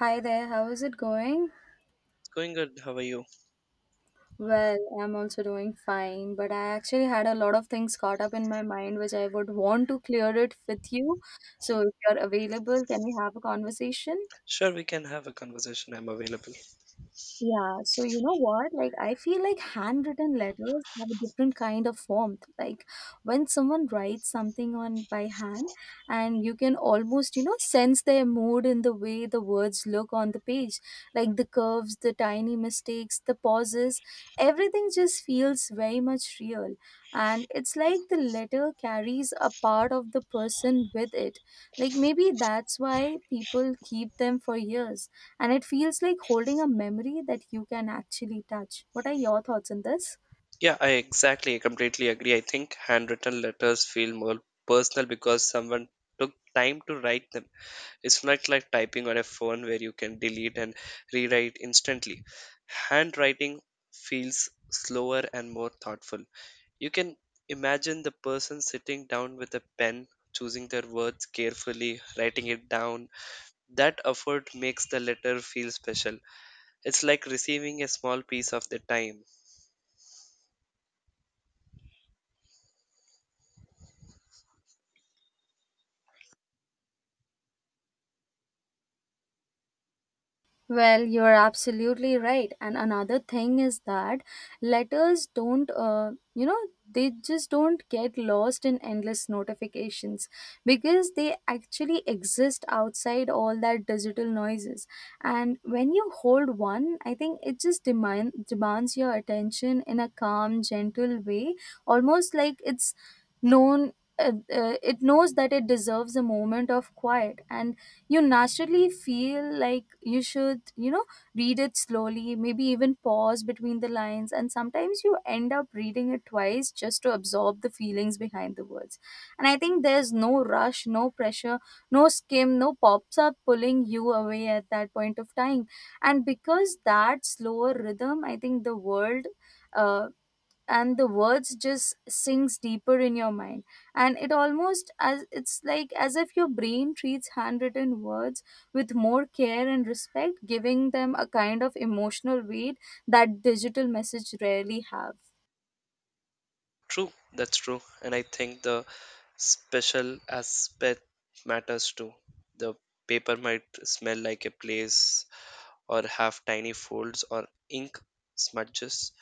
Hi there, how is it going? Going good. How are you? Well, I'm also doing fine, but I actually had a lot of things caught up in my mind which I would want to clear it with you. So if you're available, can we have a conversation? Sure, we can have a conversation. I'm available. Yeah, so you know what? Like, I feel like handwritten letters have a different kind of warmth. Like, when someone writes something on by hand, and you can almost, you know, sense their mood in the way the words look on the page. Like, the curves, the tiny mistakes, the pauses, everything just feels very much real. And it's like the letter carries a part of the person with it. Like maybe that's why people keep them for years. And it feels like holding a memory that you can actually touch. What are your thoughts on this? Yeah, I completely agree. I think handwritten letters feel more personal because someone took time to write them. It's not like typing on a phone where you can delete and rewrite instantly. Handwriting feels slower and more thoughtful. You can imagine the person sitting down with a pen, choosing their words carefully, writing it down. That effort makes the letter feel special. It's like receiving a small piece of their time. Well, you're absolutely right. And another thing is that letters don't, you know, they just don't get lost in endless notifications because they actually exist outside all that digital noises. And when you hold one, I think it just demands your attention in a calm, gentle way, almost like it's known. It knows that it deserves a moment of quiet and you naturally feel like you should, you know, read it slowly, maybe even pause between the lines. And sometimes you end up reading it twice just to absorb the feelings behind the words. And I think there's no rush, no pressure, no skim, no pops up pulling you away at that point of time. And because that slower rhythm, I think the world, uh, and the words just sinks deeper in your mind. And it almost as it's like as if your brain treats handwritten words with more care and respect, giving them a kind of emotional weight that digital message rarely have. True, that's true. And I think the special aspect matters too. The paper might smell like a place or have tiny folds or ink smudges.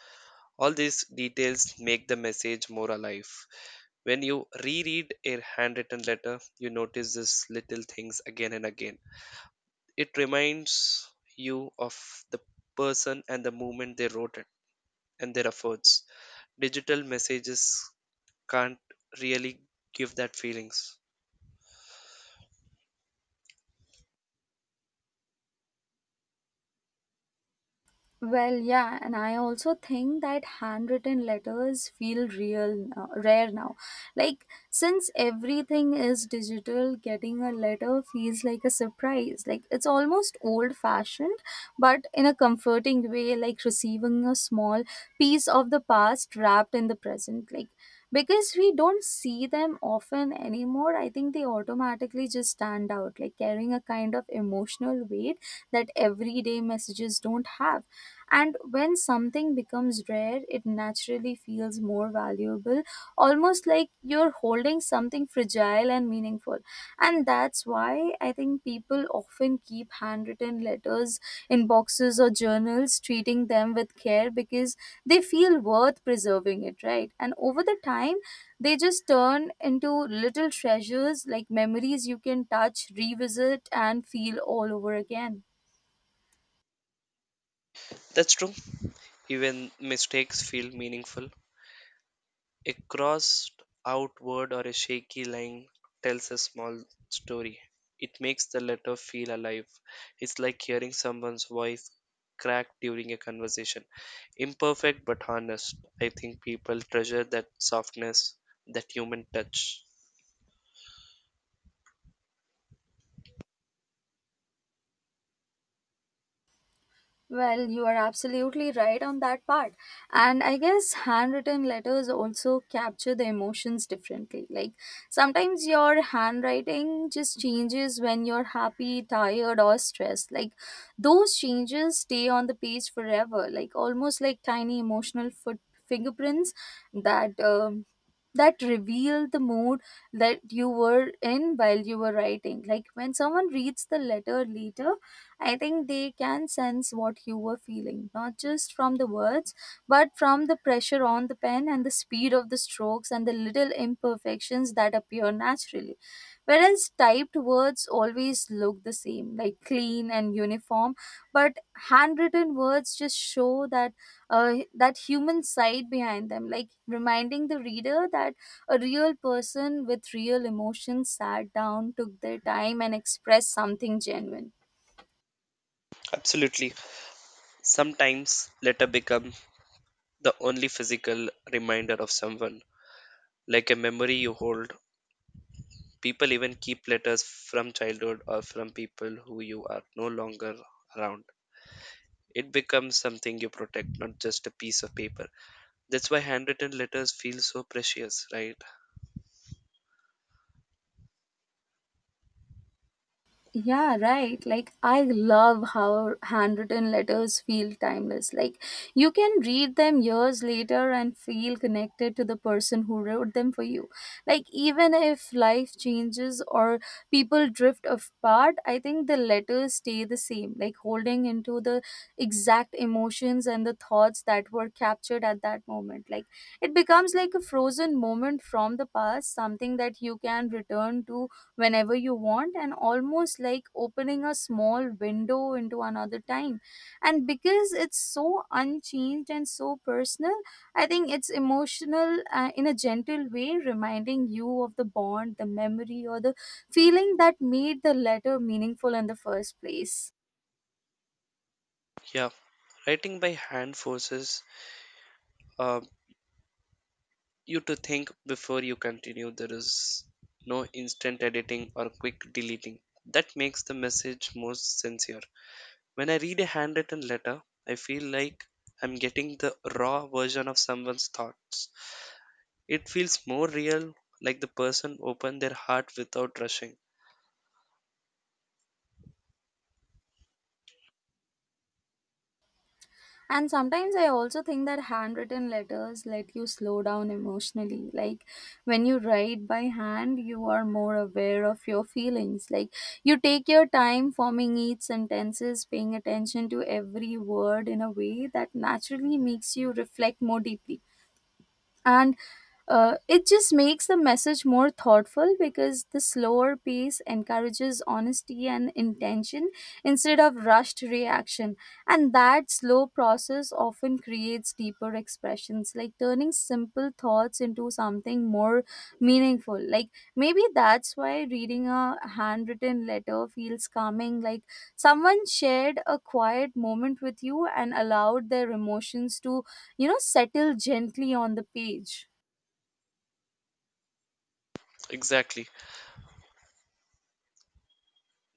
All these details make the message more alive. When you reread a handwritten letter, you notice these little things again and again. It reminds you of the person and the moment they wrote it and their efforts. Digital messages can't really give that feelings. Well, yeah, and I also think that handwritten letters feel real, now, rare now. Like, since everything is digital, getting a letter feels like a surprise. Like, it's almost old fashioned, but in a comforting way, like receiving a small piece of the past wrapped in the present. Like, because we don't see them often anymore, I think they automatically just stand out, like carrying a kind of emotional weight that everyday messages don't have. And when something becomes rare, it naturally feels more valuable, almost like you're holding something fragile and meaningful. And that's why I think people often keep handwritten letters in boxes or journals, treating them with care because they feel worth preserving it, right? And over the time, they just turn into little treasures like memories you can touch, revisit, and feel all over again. That's true, even mistakes feel meaningful. A crossed out word or a shaky line tells a small story. It makes the letter feel alive. It's like hearing someone's voice crack during a conversation, imperfect but honest. I think people treasure that softness, that human touch. Well, you are absolutely right on that part. And I guess handwritten letters also capture the emotions differently. Like sometimes your handwriting just changes when you're happy, tired, or stressed. Like those changes stay on the page forever, like almost like tiny emotional foot fingerprints that that reveal the mood that you were in while you were writing. Like when someone reads the letter later, I think they can sense what you were feeling, not just from the words, but from the pressure on the pen and the speed of the strokes and the little imperfections that appear naturally. Whereas typed words always look the same, like clean and uniform, but handwritten words just show that that human side behind them, like reminding the reader that a real person with real emotions sat down, took their time, and expressed something genuine. Absolutely. Sometimes letter become the only physical reminder of someone, like a memory you hold. People even keep letters from childhood or from people who you are no longer around. It becomes something you protect, not just a piece of paper. That's why handwritten letters feel so precious, right? Yeah, right. Like, I love how handwritten letters feel timeless. Like, you can read them years later and feel connected to the person who wrote them for you. Like, even if life changes or people drift apart, I think the letters stay the same, like holding into the exact emotions and the thoughts that were captured at that moment. Like, it becomes like a frozen moment from the past, something that you can return to whenever you want and almost like opening a small window into another time. And because it's so unchanged and so personal, I think it's emotional, in a gentle way, reminding you of the bond, the memory, or the feeling that made the letter meaningful in the first place. Yeah, writing by hand forces uh, you to think before you continue. There is no instant editing or quick deleting. That makes the message more sincere. When I read a handwritten letter, I feel like I'm getting the raw version of someone's thoughts. It feels more real, like the person opened their heart without rushing. And sometimes I also think that handwritten letters let you slow down emotionally. Like when you write by hand, you are more aware of your feelings. Like you take your time forming each sentences, paying attention to every word in a way that naturally makes you reflect more deeply. And it just makes the message more thoughtful because the slower pace encourages honesty and intention instead of rushed reaction. And that slow process often creates deeper expressions, like turning simple thoughts into something more meaningful. Like maybe that's why reading a handwritten letter feels calming, like someone shared a quiet moment with you and allowed their emotions to, you know, settle gently on the page. Exactly.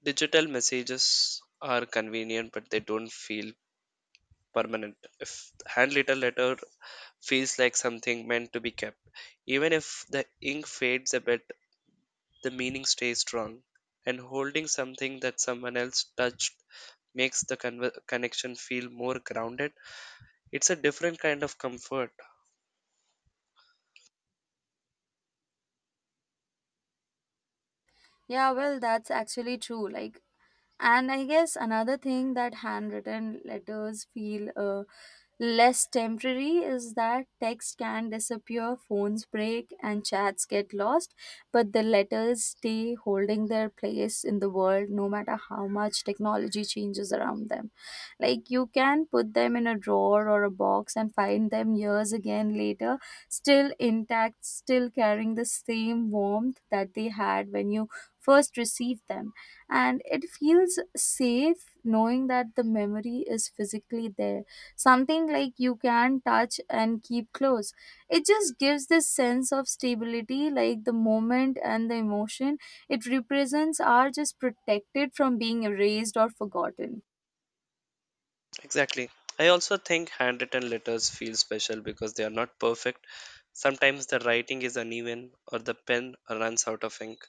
Digital messages are convenient, but they don't feel permanent. If handwritten letter feels like something meant to be kept, even if the ink fades a bit, the meaning stays strong. And holding something that someone else touched makes the conver connection feel more grounded. It's a different kind of comfort. Yeah, well, that's actually true. Like, and I guess another thing that handwritten letters feel less temporary is that text can disappear, phones break, and chats get lost, but the letters stay holding their place in the world no matter how much technology changes around them. Like you can put them in a drawer or a box and find them years again later, still intact, still carrying the same warmth that they had when you first received them. And it feels safe knowing that the memory is physically there, something like you can touch and keep close. It just gives this sense of stability, like the moment and the emotion it represents are just protected from being erased or forgotten. Exactly. I also think handwritten letters feel special because they are not perfect. Sometimes the writing is uneven or the pen runs out of ink.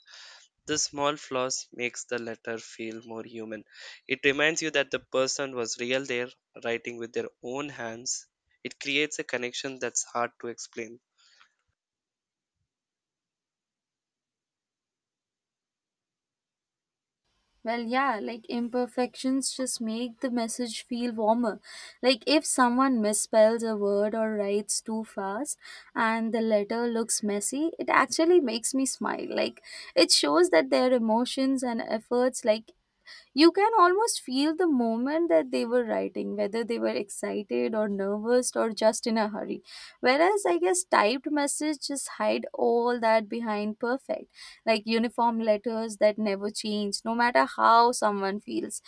This small flaws makes the letter feel more human. It reminds you that the person was real there, writing with their own hands. It creates a connection that's hard to explain. Well, yeah, like imperfections just make the message feel warmer. Like if someone misspells a word or writes too fast and the letter looks messy, it actually makes me smile. Like it shows that their emotions and efforts, like you can almost feel the moment that they were writing, whether they were excited or nervous or just in a hurry. Whereas I guess typed messages just hide all that behind perfect, like uniform letters that never change no matter how someone feels.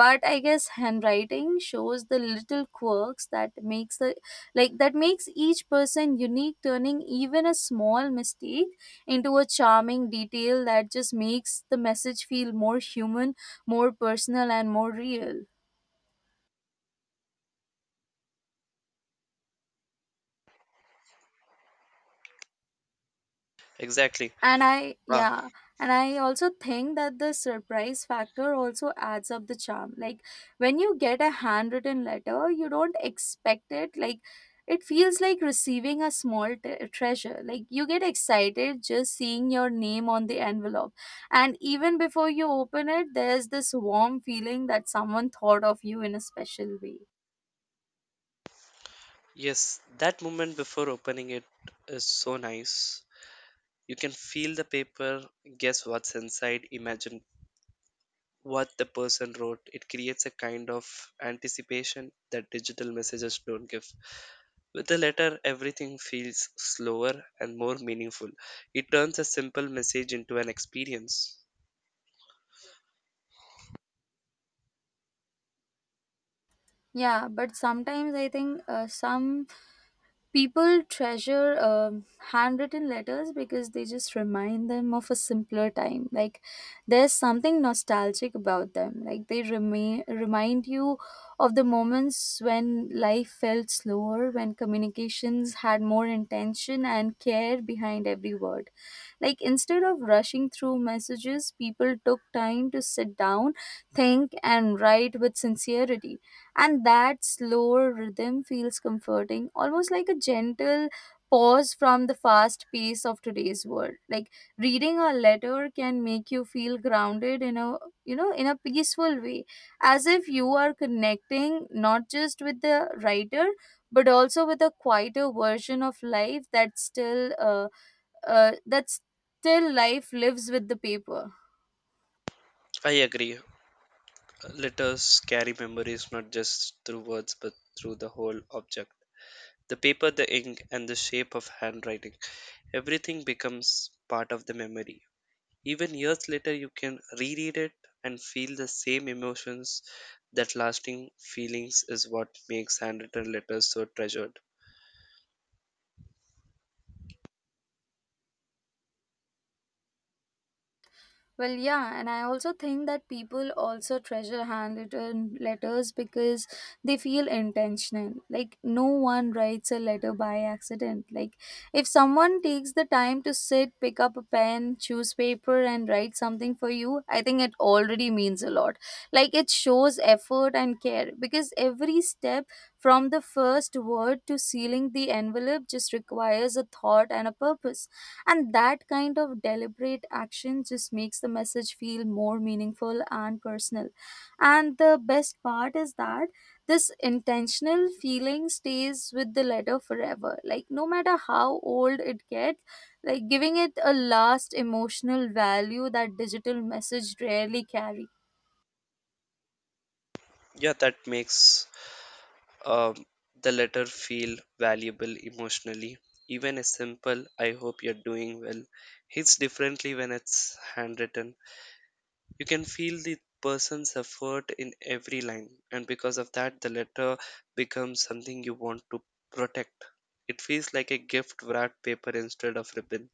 But I guess handwriting shows the little quirks that makes the that makes each person unique, turning even a small mistake into a charming detail that just makes the message feel more human, more personal, and more real. Exactly. And I, Ah, yeah, and I also think that the surprise factor also adds up the charm. Like when you get a handwritten letter, you don't expect it. Like it feels like receiving a small treasure. Like you get excited just seeing your name on the envelope, and even before you open it there's this warm feeling that someone thought of you in a special way. yes, that moment before opening it is so nice. You can feel the paper, guess what's inside, imagine what the person wrote. It creates a kind of anticipation that digital messages don't give. With a letter, everything feels slower and more meaningful. It turns a simple message into an experience. Yeah, but sometimes I think, some people treasure, handwritten letters because they just remind them of a simpler time. Like there's something nostalgic about them. Like they remain remind you of the moments when life felt slower, when communications had more intention and care behind every word. Like instead of rushing through messages, people took time to sit down, think, and write with sincerity. And that slower rhythm feels comforting, almost like a gentle pause from the fast pace of today's world. Like reading a letter can make you feel grounded in a, you know, in a peaceful way, as if you are connecting not just with the writer but also with a quieter version of life that's still, that's still, life lives with the paper. I agree. Letters carry memories not just through words but through the whole object. The paper, the ink, and the shape of handwriting. Everything becomes part of the memory. Even years later, you can reread it and feel the same emotions. That lasting feelings is what makes handwritten letters so treasured. Well, yeah, and I also think that people also treasure handwritten letters because they feel intentional. Like, no one writes a letter by accident. Like, if someone takes the time to sit, pick up a pen, choose paper, and write something for you, I think it already means a lot. Like, it shows effort and care because every step from the first word to sealing the envelope just requires a thought and a purpose. And that kind of deliberate action just makes the message feel more meaningful and personal. And the best part is that this intentional feeling stays with the letter forever, like no matter how old it gets, like giving it a last emotional value that digital message rarely carries. Yeah, that makes um, the letter feel valuable emotionally. Even a simple, I hope you're doing well, hits differently when it's handwritten. You can feel the person's effort in every line, and because of that, the letter becomes something you want to protect. It feels like a gift wrapped paper instead of ribbon.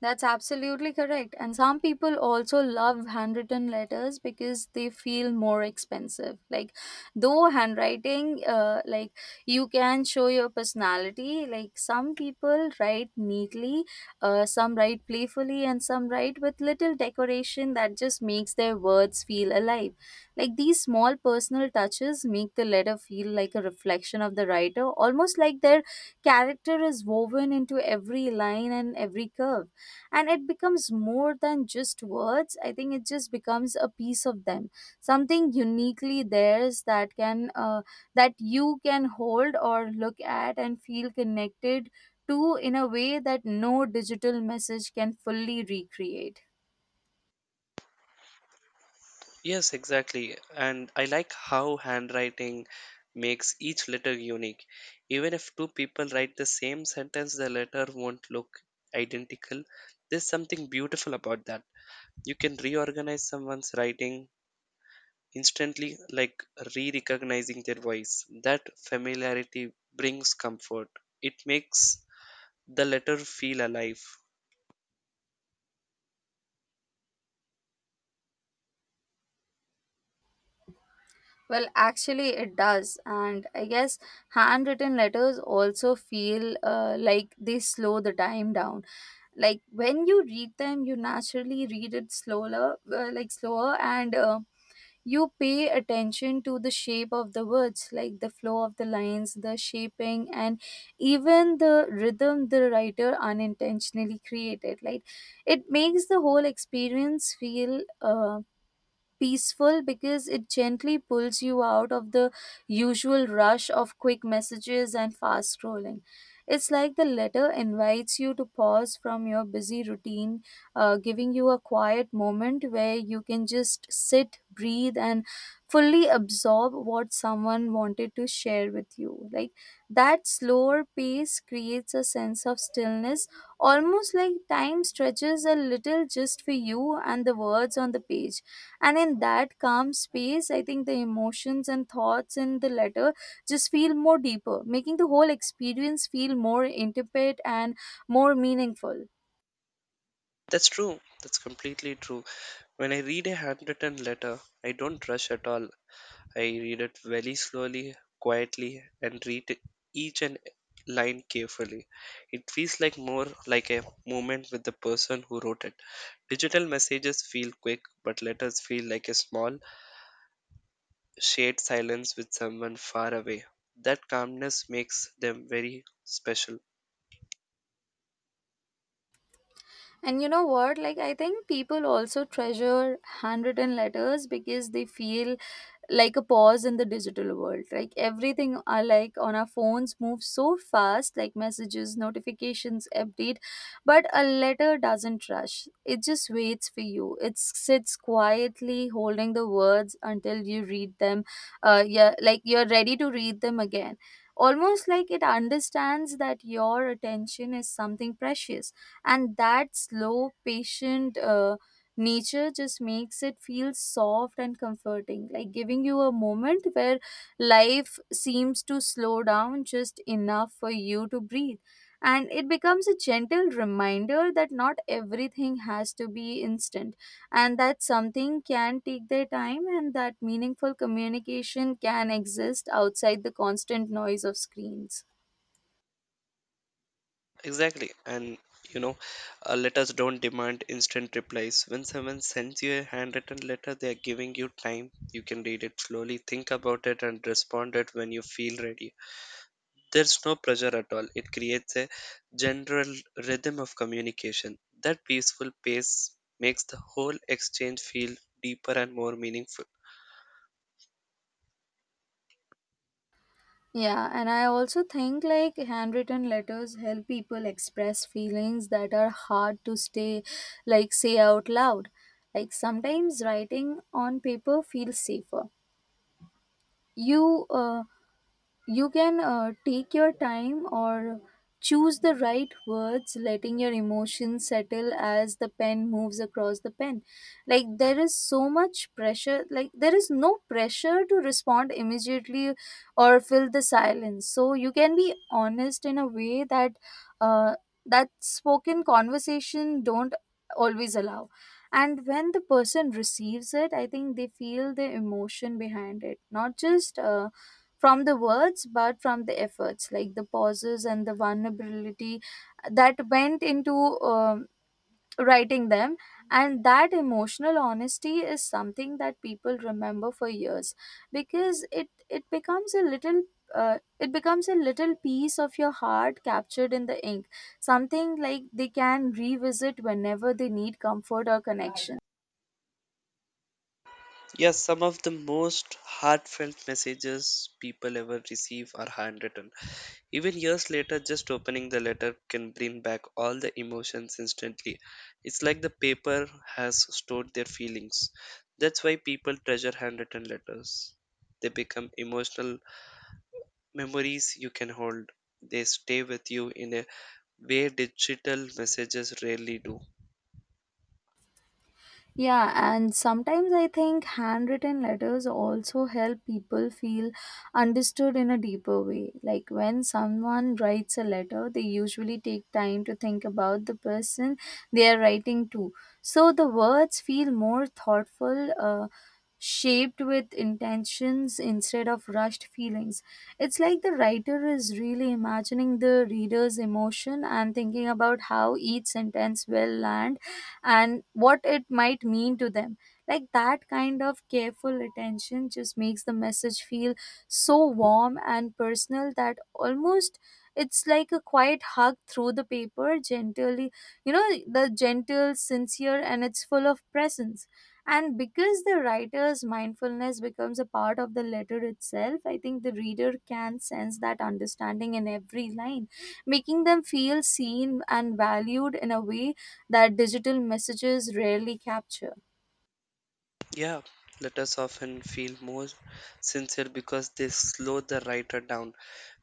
That's absolutely correct. And some people also love handwritten letters because they feel more expensive. Like, though handwriting, you can show your personality. Like some people write neatly, some write playfully, and some write with little decoration that just makes their words feel alive. Like these small personal touches make the letter feel like a reflection of the writer, almost like their character is woven into every line and every curve. And it becomes more than just words. I think it just becomes a piece of them, something uniquely theirs that can that you can hold or look at and feel connected to in a way that no digital message can fully recreate. Yes, exactly. And I like how handwriting makes each letter unique. Even if two people write the same sentence, the letter won't look identical. There's something beautiful about that. You can reorganize someone's writing instantly, like re-recognizing their voice. That familiarity brings comfort. It makes the letter feel alive. Well, actually, it does. And I guess handwritten letters also feel like they slow the time down. Like when you read them, you naturally read it slower, like slower, and you pay attention to the shape of the words, like the flow of the lines, the shaping, and even the rhythm the writer unintentionally created. Like it makes the whole experience feel um peaceful because it gently pulls you out of the usual rush of quick messages and fast scrolling. It's like the letter invites you to pause from your busy routine, giving you a quiet moment where you can just sit, breathe, and fully absorb what someone wanted to share with you. Like that slower pace creates a sense of stillness, almost like time stretches a little just for you and the words on the page. And in that calm space, I think the emotions and thoughts in the letter just feel more deeper, making the whole experience feel more intimate and more meaningful. That's true. That's completely true. When I read a handwritten letter, I don't rush at all. I read it very slowly, quietly, and read each and line carefully. It feels like more like a moment with the person who wrote it. Digital messages feel quick, but letters feel like a small shared silence with someone far away. That calmness makes them very special. And you know what? Like, I think people also treasure handwritten letters because they feel like a pause in the digital world. Like, everything are like on our phones moves so fast, like messages, notifications, update. But a letter doesn't rush, it just waits for you. It sits quietly holding the words until you read them. Yeah, like you're ready to read them again. Almost like it understands that your attention is something precious, and that slow patient nature just makes it feel soft and comforting, like giving you a moment where life seems to slow down just enough for you to breathe. And it becomes a gentle reminder that not everything has to be instant, and that something can take their time, and that meaningful communication can exist outside the constant noise of screens. Exactly. And you know, letters don't demand instant replies. When someone sends you a handwritten letter, they are giving you time. You can read it slowly, think about it, and respond it when you feel ready. There's no pressure at all. It creates a general rhythm of communication. That peaceful pace makes the whole exchange feel deeper and more meaningful. Yeah, and I also think like handwritten letters help people express feelings that are hard to stay like say out loud. Like sometimes writing on paper feels safer. You uh, you can take your time or choose the right words, letting your emotions settle as the pen moves across the pen. Like, there is so much pressure, like, there is no pressure to respond immediately or fill the silence. So, you can be honest in a way that uh, that spoken conversation don't always allow. And when the person receives it, I think they feel the emotion behind it, not just from the words but from the efforts, like the pauses and the vulnerability that went into um, writing them. And that emotional honesty is something that people remember for years, because it becomes a little it becomes a little piece of your heart captured in the ink, something like they can revisit whenever they need comfort or connection. Yes, some of the most heartfelt messages people ever receive are handwritten. Even years later, just opening the letter can bring back all the emotions instantly. It's like the paper has stored their feelings. That's why people treasure handwritten letters. They become emotional memories you can hold. They stay with you in a way digital messages rarely do. Yeah, and sometimes I think handwritten letters also help people feel understood in a deeper way. Like when someone writes a letter, they usually take time to think about the person they are writing to. So the words feel more thoughtful, shaped with intentions instead of rushed feelings. It's like the writer is really imagining the reader's emotion and thinking about how each sentence will land and what it might mean to them. Like that kind of careful attention just makes the message feel so warm and personal that almost it's like a quiet hug through the paper, gently, you know, the gentle, sincere, and it's full of presence. And because the writer's mindfulness becomes a part of the letter itself, I think the reader can sense that understanding in every line, making them feel seen and valued in a way that digital messages rarely capture. Yeah, letters often feel more sincere because they slow the writer down.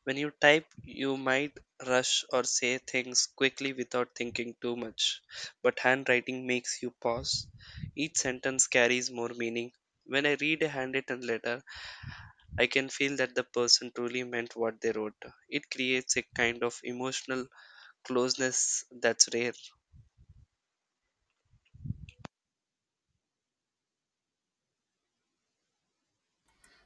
When you type, you might rush or say things quickly without thinking too much. But handwriting makes you pause. Each sentence carries more meaning. When I read a handwritten letter, I can feel that the person truly meant what they wrote. It creates a kind of emotional closeness that's rare.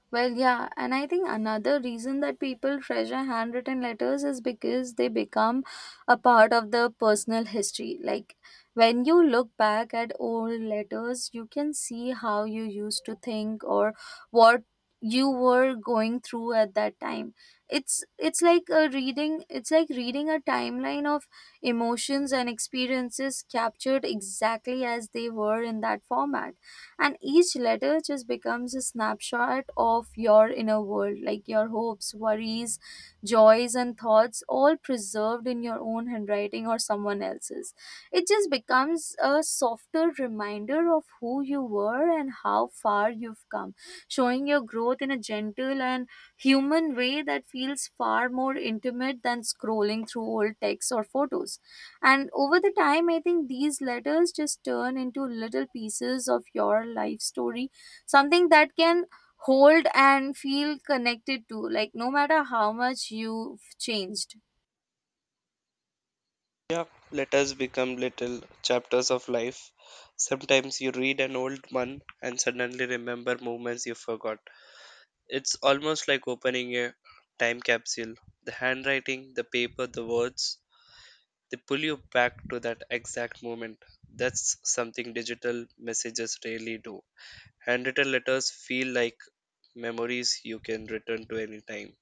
Well, yeah, and I think another reason that people treasure handwritten letters is because they become a part of the personal history. Like when you look back at old letters, you can see how you used to think or what you were going through at that time. It's like a reading, it's like reading a timeline of emotions and experiences captured exactly as they were in that format. And each letter just becomes a snapshot of your inner world, like your hopes, worries, joys and thoughts all preserved in your own handwriting or someone else's. It just becomes a softer reminder of who you were and how far you've come, showing your growth in a gentle and human way that feels far more intimate than scrolling through old texts or photos. And over the time, I think these letters just turn into little pieces of your life story, something that can hold and feel connected to, like no matter how much you've changed. Yeah, let us become little chapters of life. Sometimes you read an old one and suddenly remember moments you forgot. It's almost like opening a time capsule. The handwriting, the paper, the words, they pull you back to that exact moment. That's something digital messages rarely do. Handwritten letters feel like memories you can return to any time.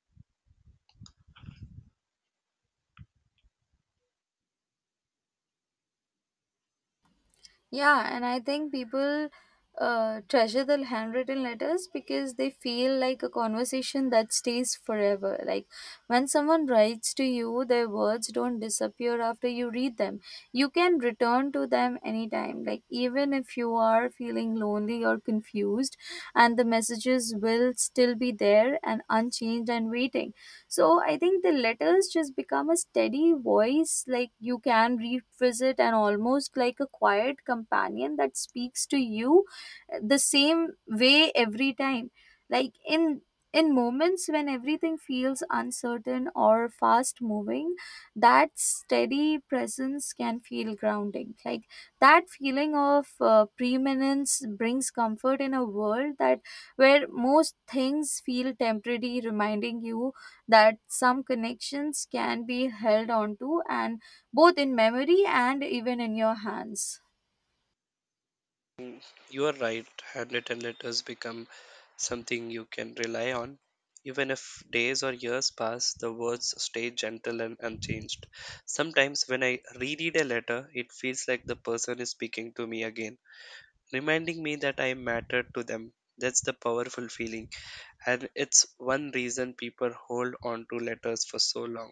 Yeah, and I think people treasure the handwritten letters because they feel like a conversation that stays forever. Like when someone writes to you, their words don't disappear after you read them. You can return to them anytime. Like even if you are feeling lonely or confused, and the messages will still be there and unchanged and waiting. So I think the letters just become a steady voice like you can revisit, and almost like a quiet companion that speaks to you the same way every time. Like in moments when everything feels uncertain or fast moving, that steady presence can feel grounding, like that feeling of preeminence brings comfort in a world that where most things feel temporary, reminding you that some connections can be held on to, and both in memory and even in your hands. You are right, handwritten letters become something you can rely on. Even if days or years pass, the words stay gentle and unchanged. Sometimes when I reread a letter, it feels like the person is speaking to me again, reminding me that I mattered to them. That's the powerful feeling, and it's one reason people hold on to letters for so long.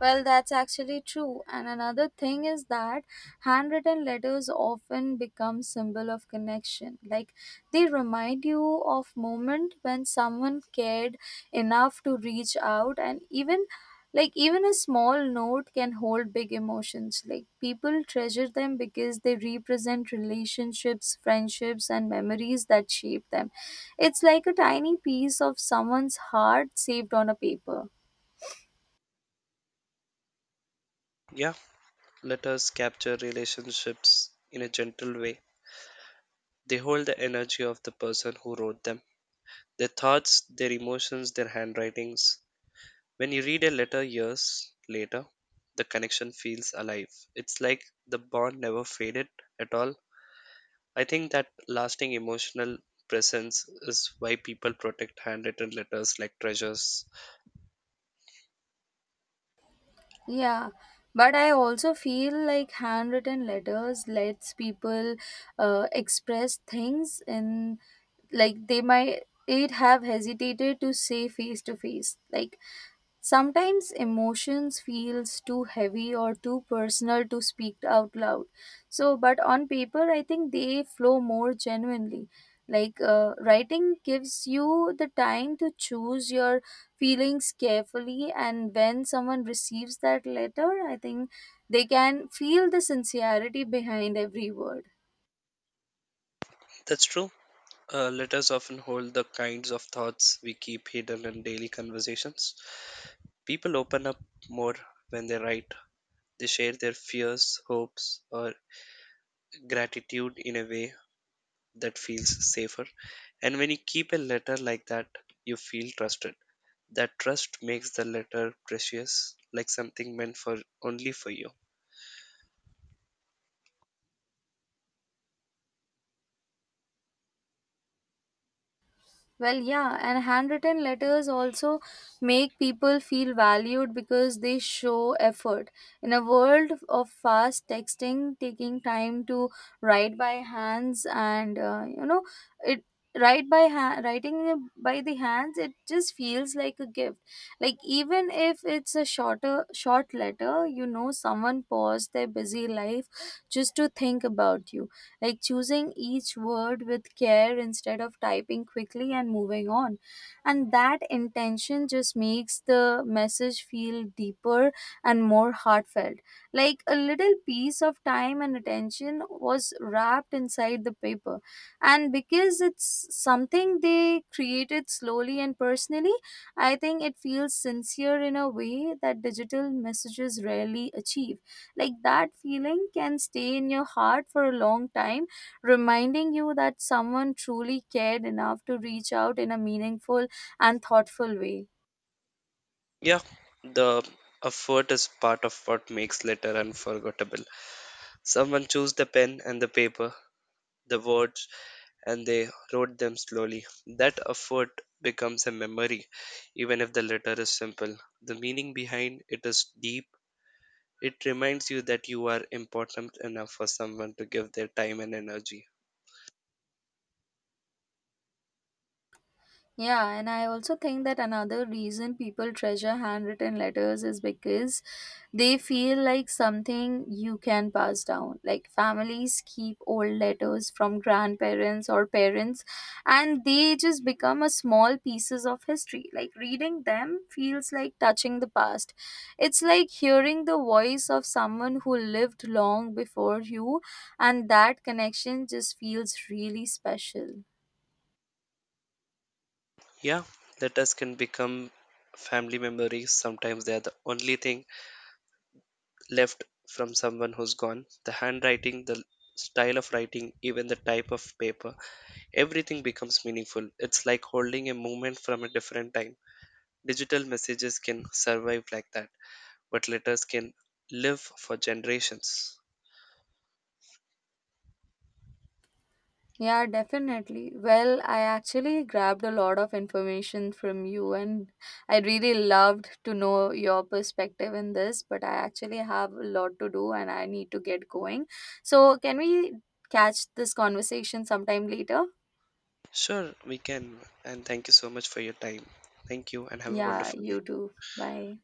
Well, that's actually true. And another thing is that handwritten letters often become symbol of connection. Like they remind you of moment when someone cared enough to reach out, and even like even a small note can hold big emotions. Like people treasure them because they represent relationships, friendships and memories that shape them. It's like a tiny piece of someone's heart saved on a paper. Yeah, letters capture relationships in a gentle way. They hold the energy of the person who wrote them. Their thoughts, their emotions, their handwritings. When you read a letter years later, the connection feels alive. It's like the bond never faded at all. I think that lasting emotional presence is why people protect handwritten letters like treasures. Yeah, but I also feel like handwritten letters lets people express things in like they might it have hesitated to say face to face. Like sometimes emotions feels too heavy or too personal to speak out loud. So, but on paper, I think they flow more genuinely. Like writing gives you the time to choose your feelings carefully, and when someone receives that letter, I think they can feel the sincerity behind every word. That's true. Letters often hold the kinds of thoughts we keep hidden in daily conversations. People open up more when they write. They share their fears, hopes, or gratitude in a way that feels safer. And when you keep a letter like that, you feel trusted. That trust makes the letter precious, like something meant for only for you. Well, yeah, and handwritten letters also make people feel valued because they show effort. In a world of fast texting, taking time to write by hands and it writing by the hands, it just feels like a gift. Like even if it's a shorter short letter, you know, someone paused their busy life just to think about you, like choosing each word with care instead of typing quickly and moving on. And that intention just makes the message feel deeper and more heartfelt. Like a little piece of time and attention was wrapped inside the paper. And because it's something they created slowly and personally, I think it feels sincere in a way that digital messages rarely achieve. Like that feeling can stay in your heart for a long time, reminding you that someone truly cared enough to reach out in a meaningful and thoughtful way. Yeah, the effort is part of what makes letter unforgettable. Someone chose the pen and the paper, the words, and they wrote them slowly. That effort becomes a memory, even if the letter is simple. The meaning behind it is deep. It reminds you that you are important enough for someone to give their time and energy. Yeah, and I also think that another reason people treasure handwritten letters is because they feel like something you can pass down. Like families keep old letters from grandparents or parents, and they just become a small pieces of history. Like reading them feels like touching the past. It's like hearing the voice of someone who lived long before you, and that connection just feels really special. Yeah, letters can become family memories. Sometimes they are the only thing left from someone who's gone. The handwriting, the style of writing, even the type of paper, everything becomes meaningful. It's like holding a moment from a different time. Digital messages can survive like that, but letters can live for generations. Yeah, definitely. Well, I actually grabbed a lot of information from you, and I really loved to know your perspective in this. But I actually have a lot to do and I need to get going. So, can we catch this conversation sometime later? Sure, we can. And thank you so much for your time. Thank you and have a Yeah, wonderful day. you too. Bye.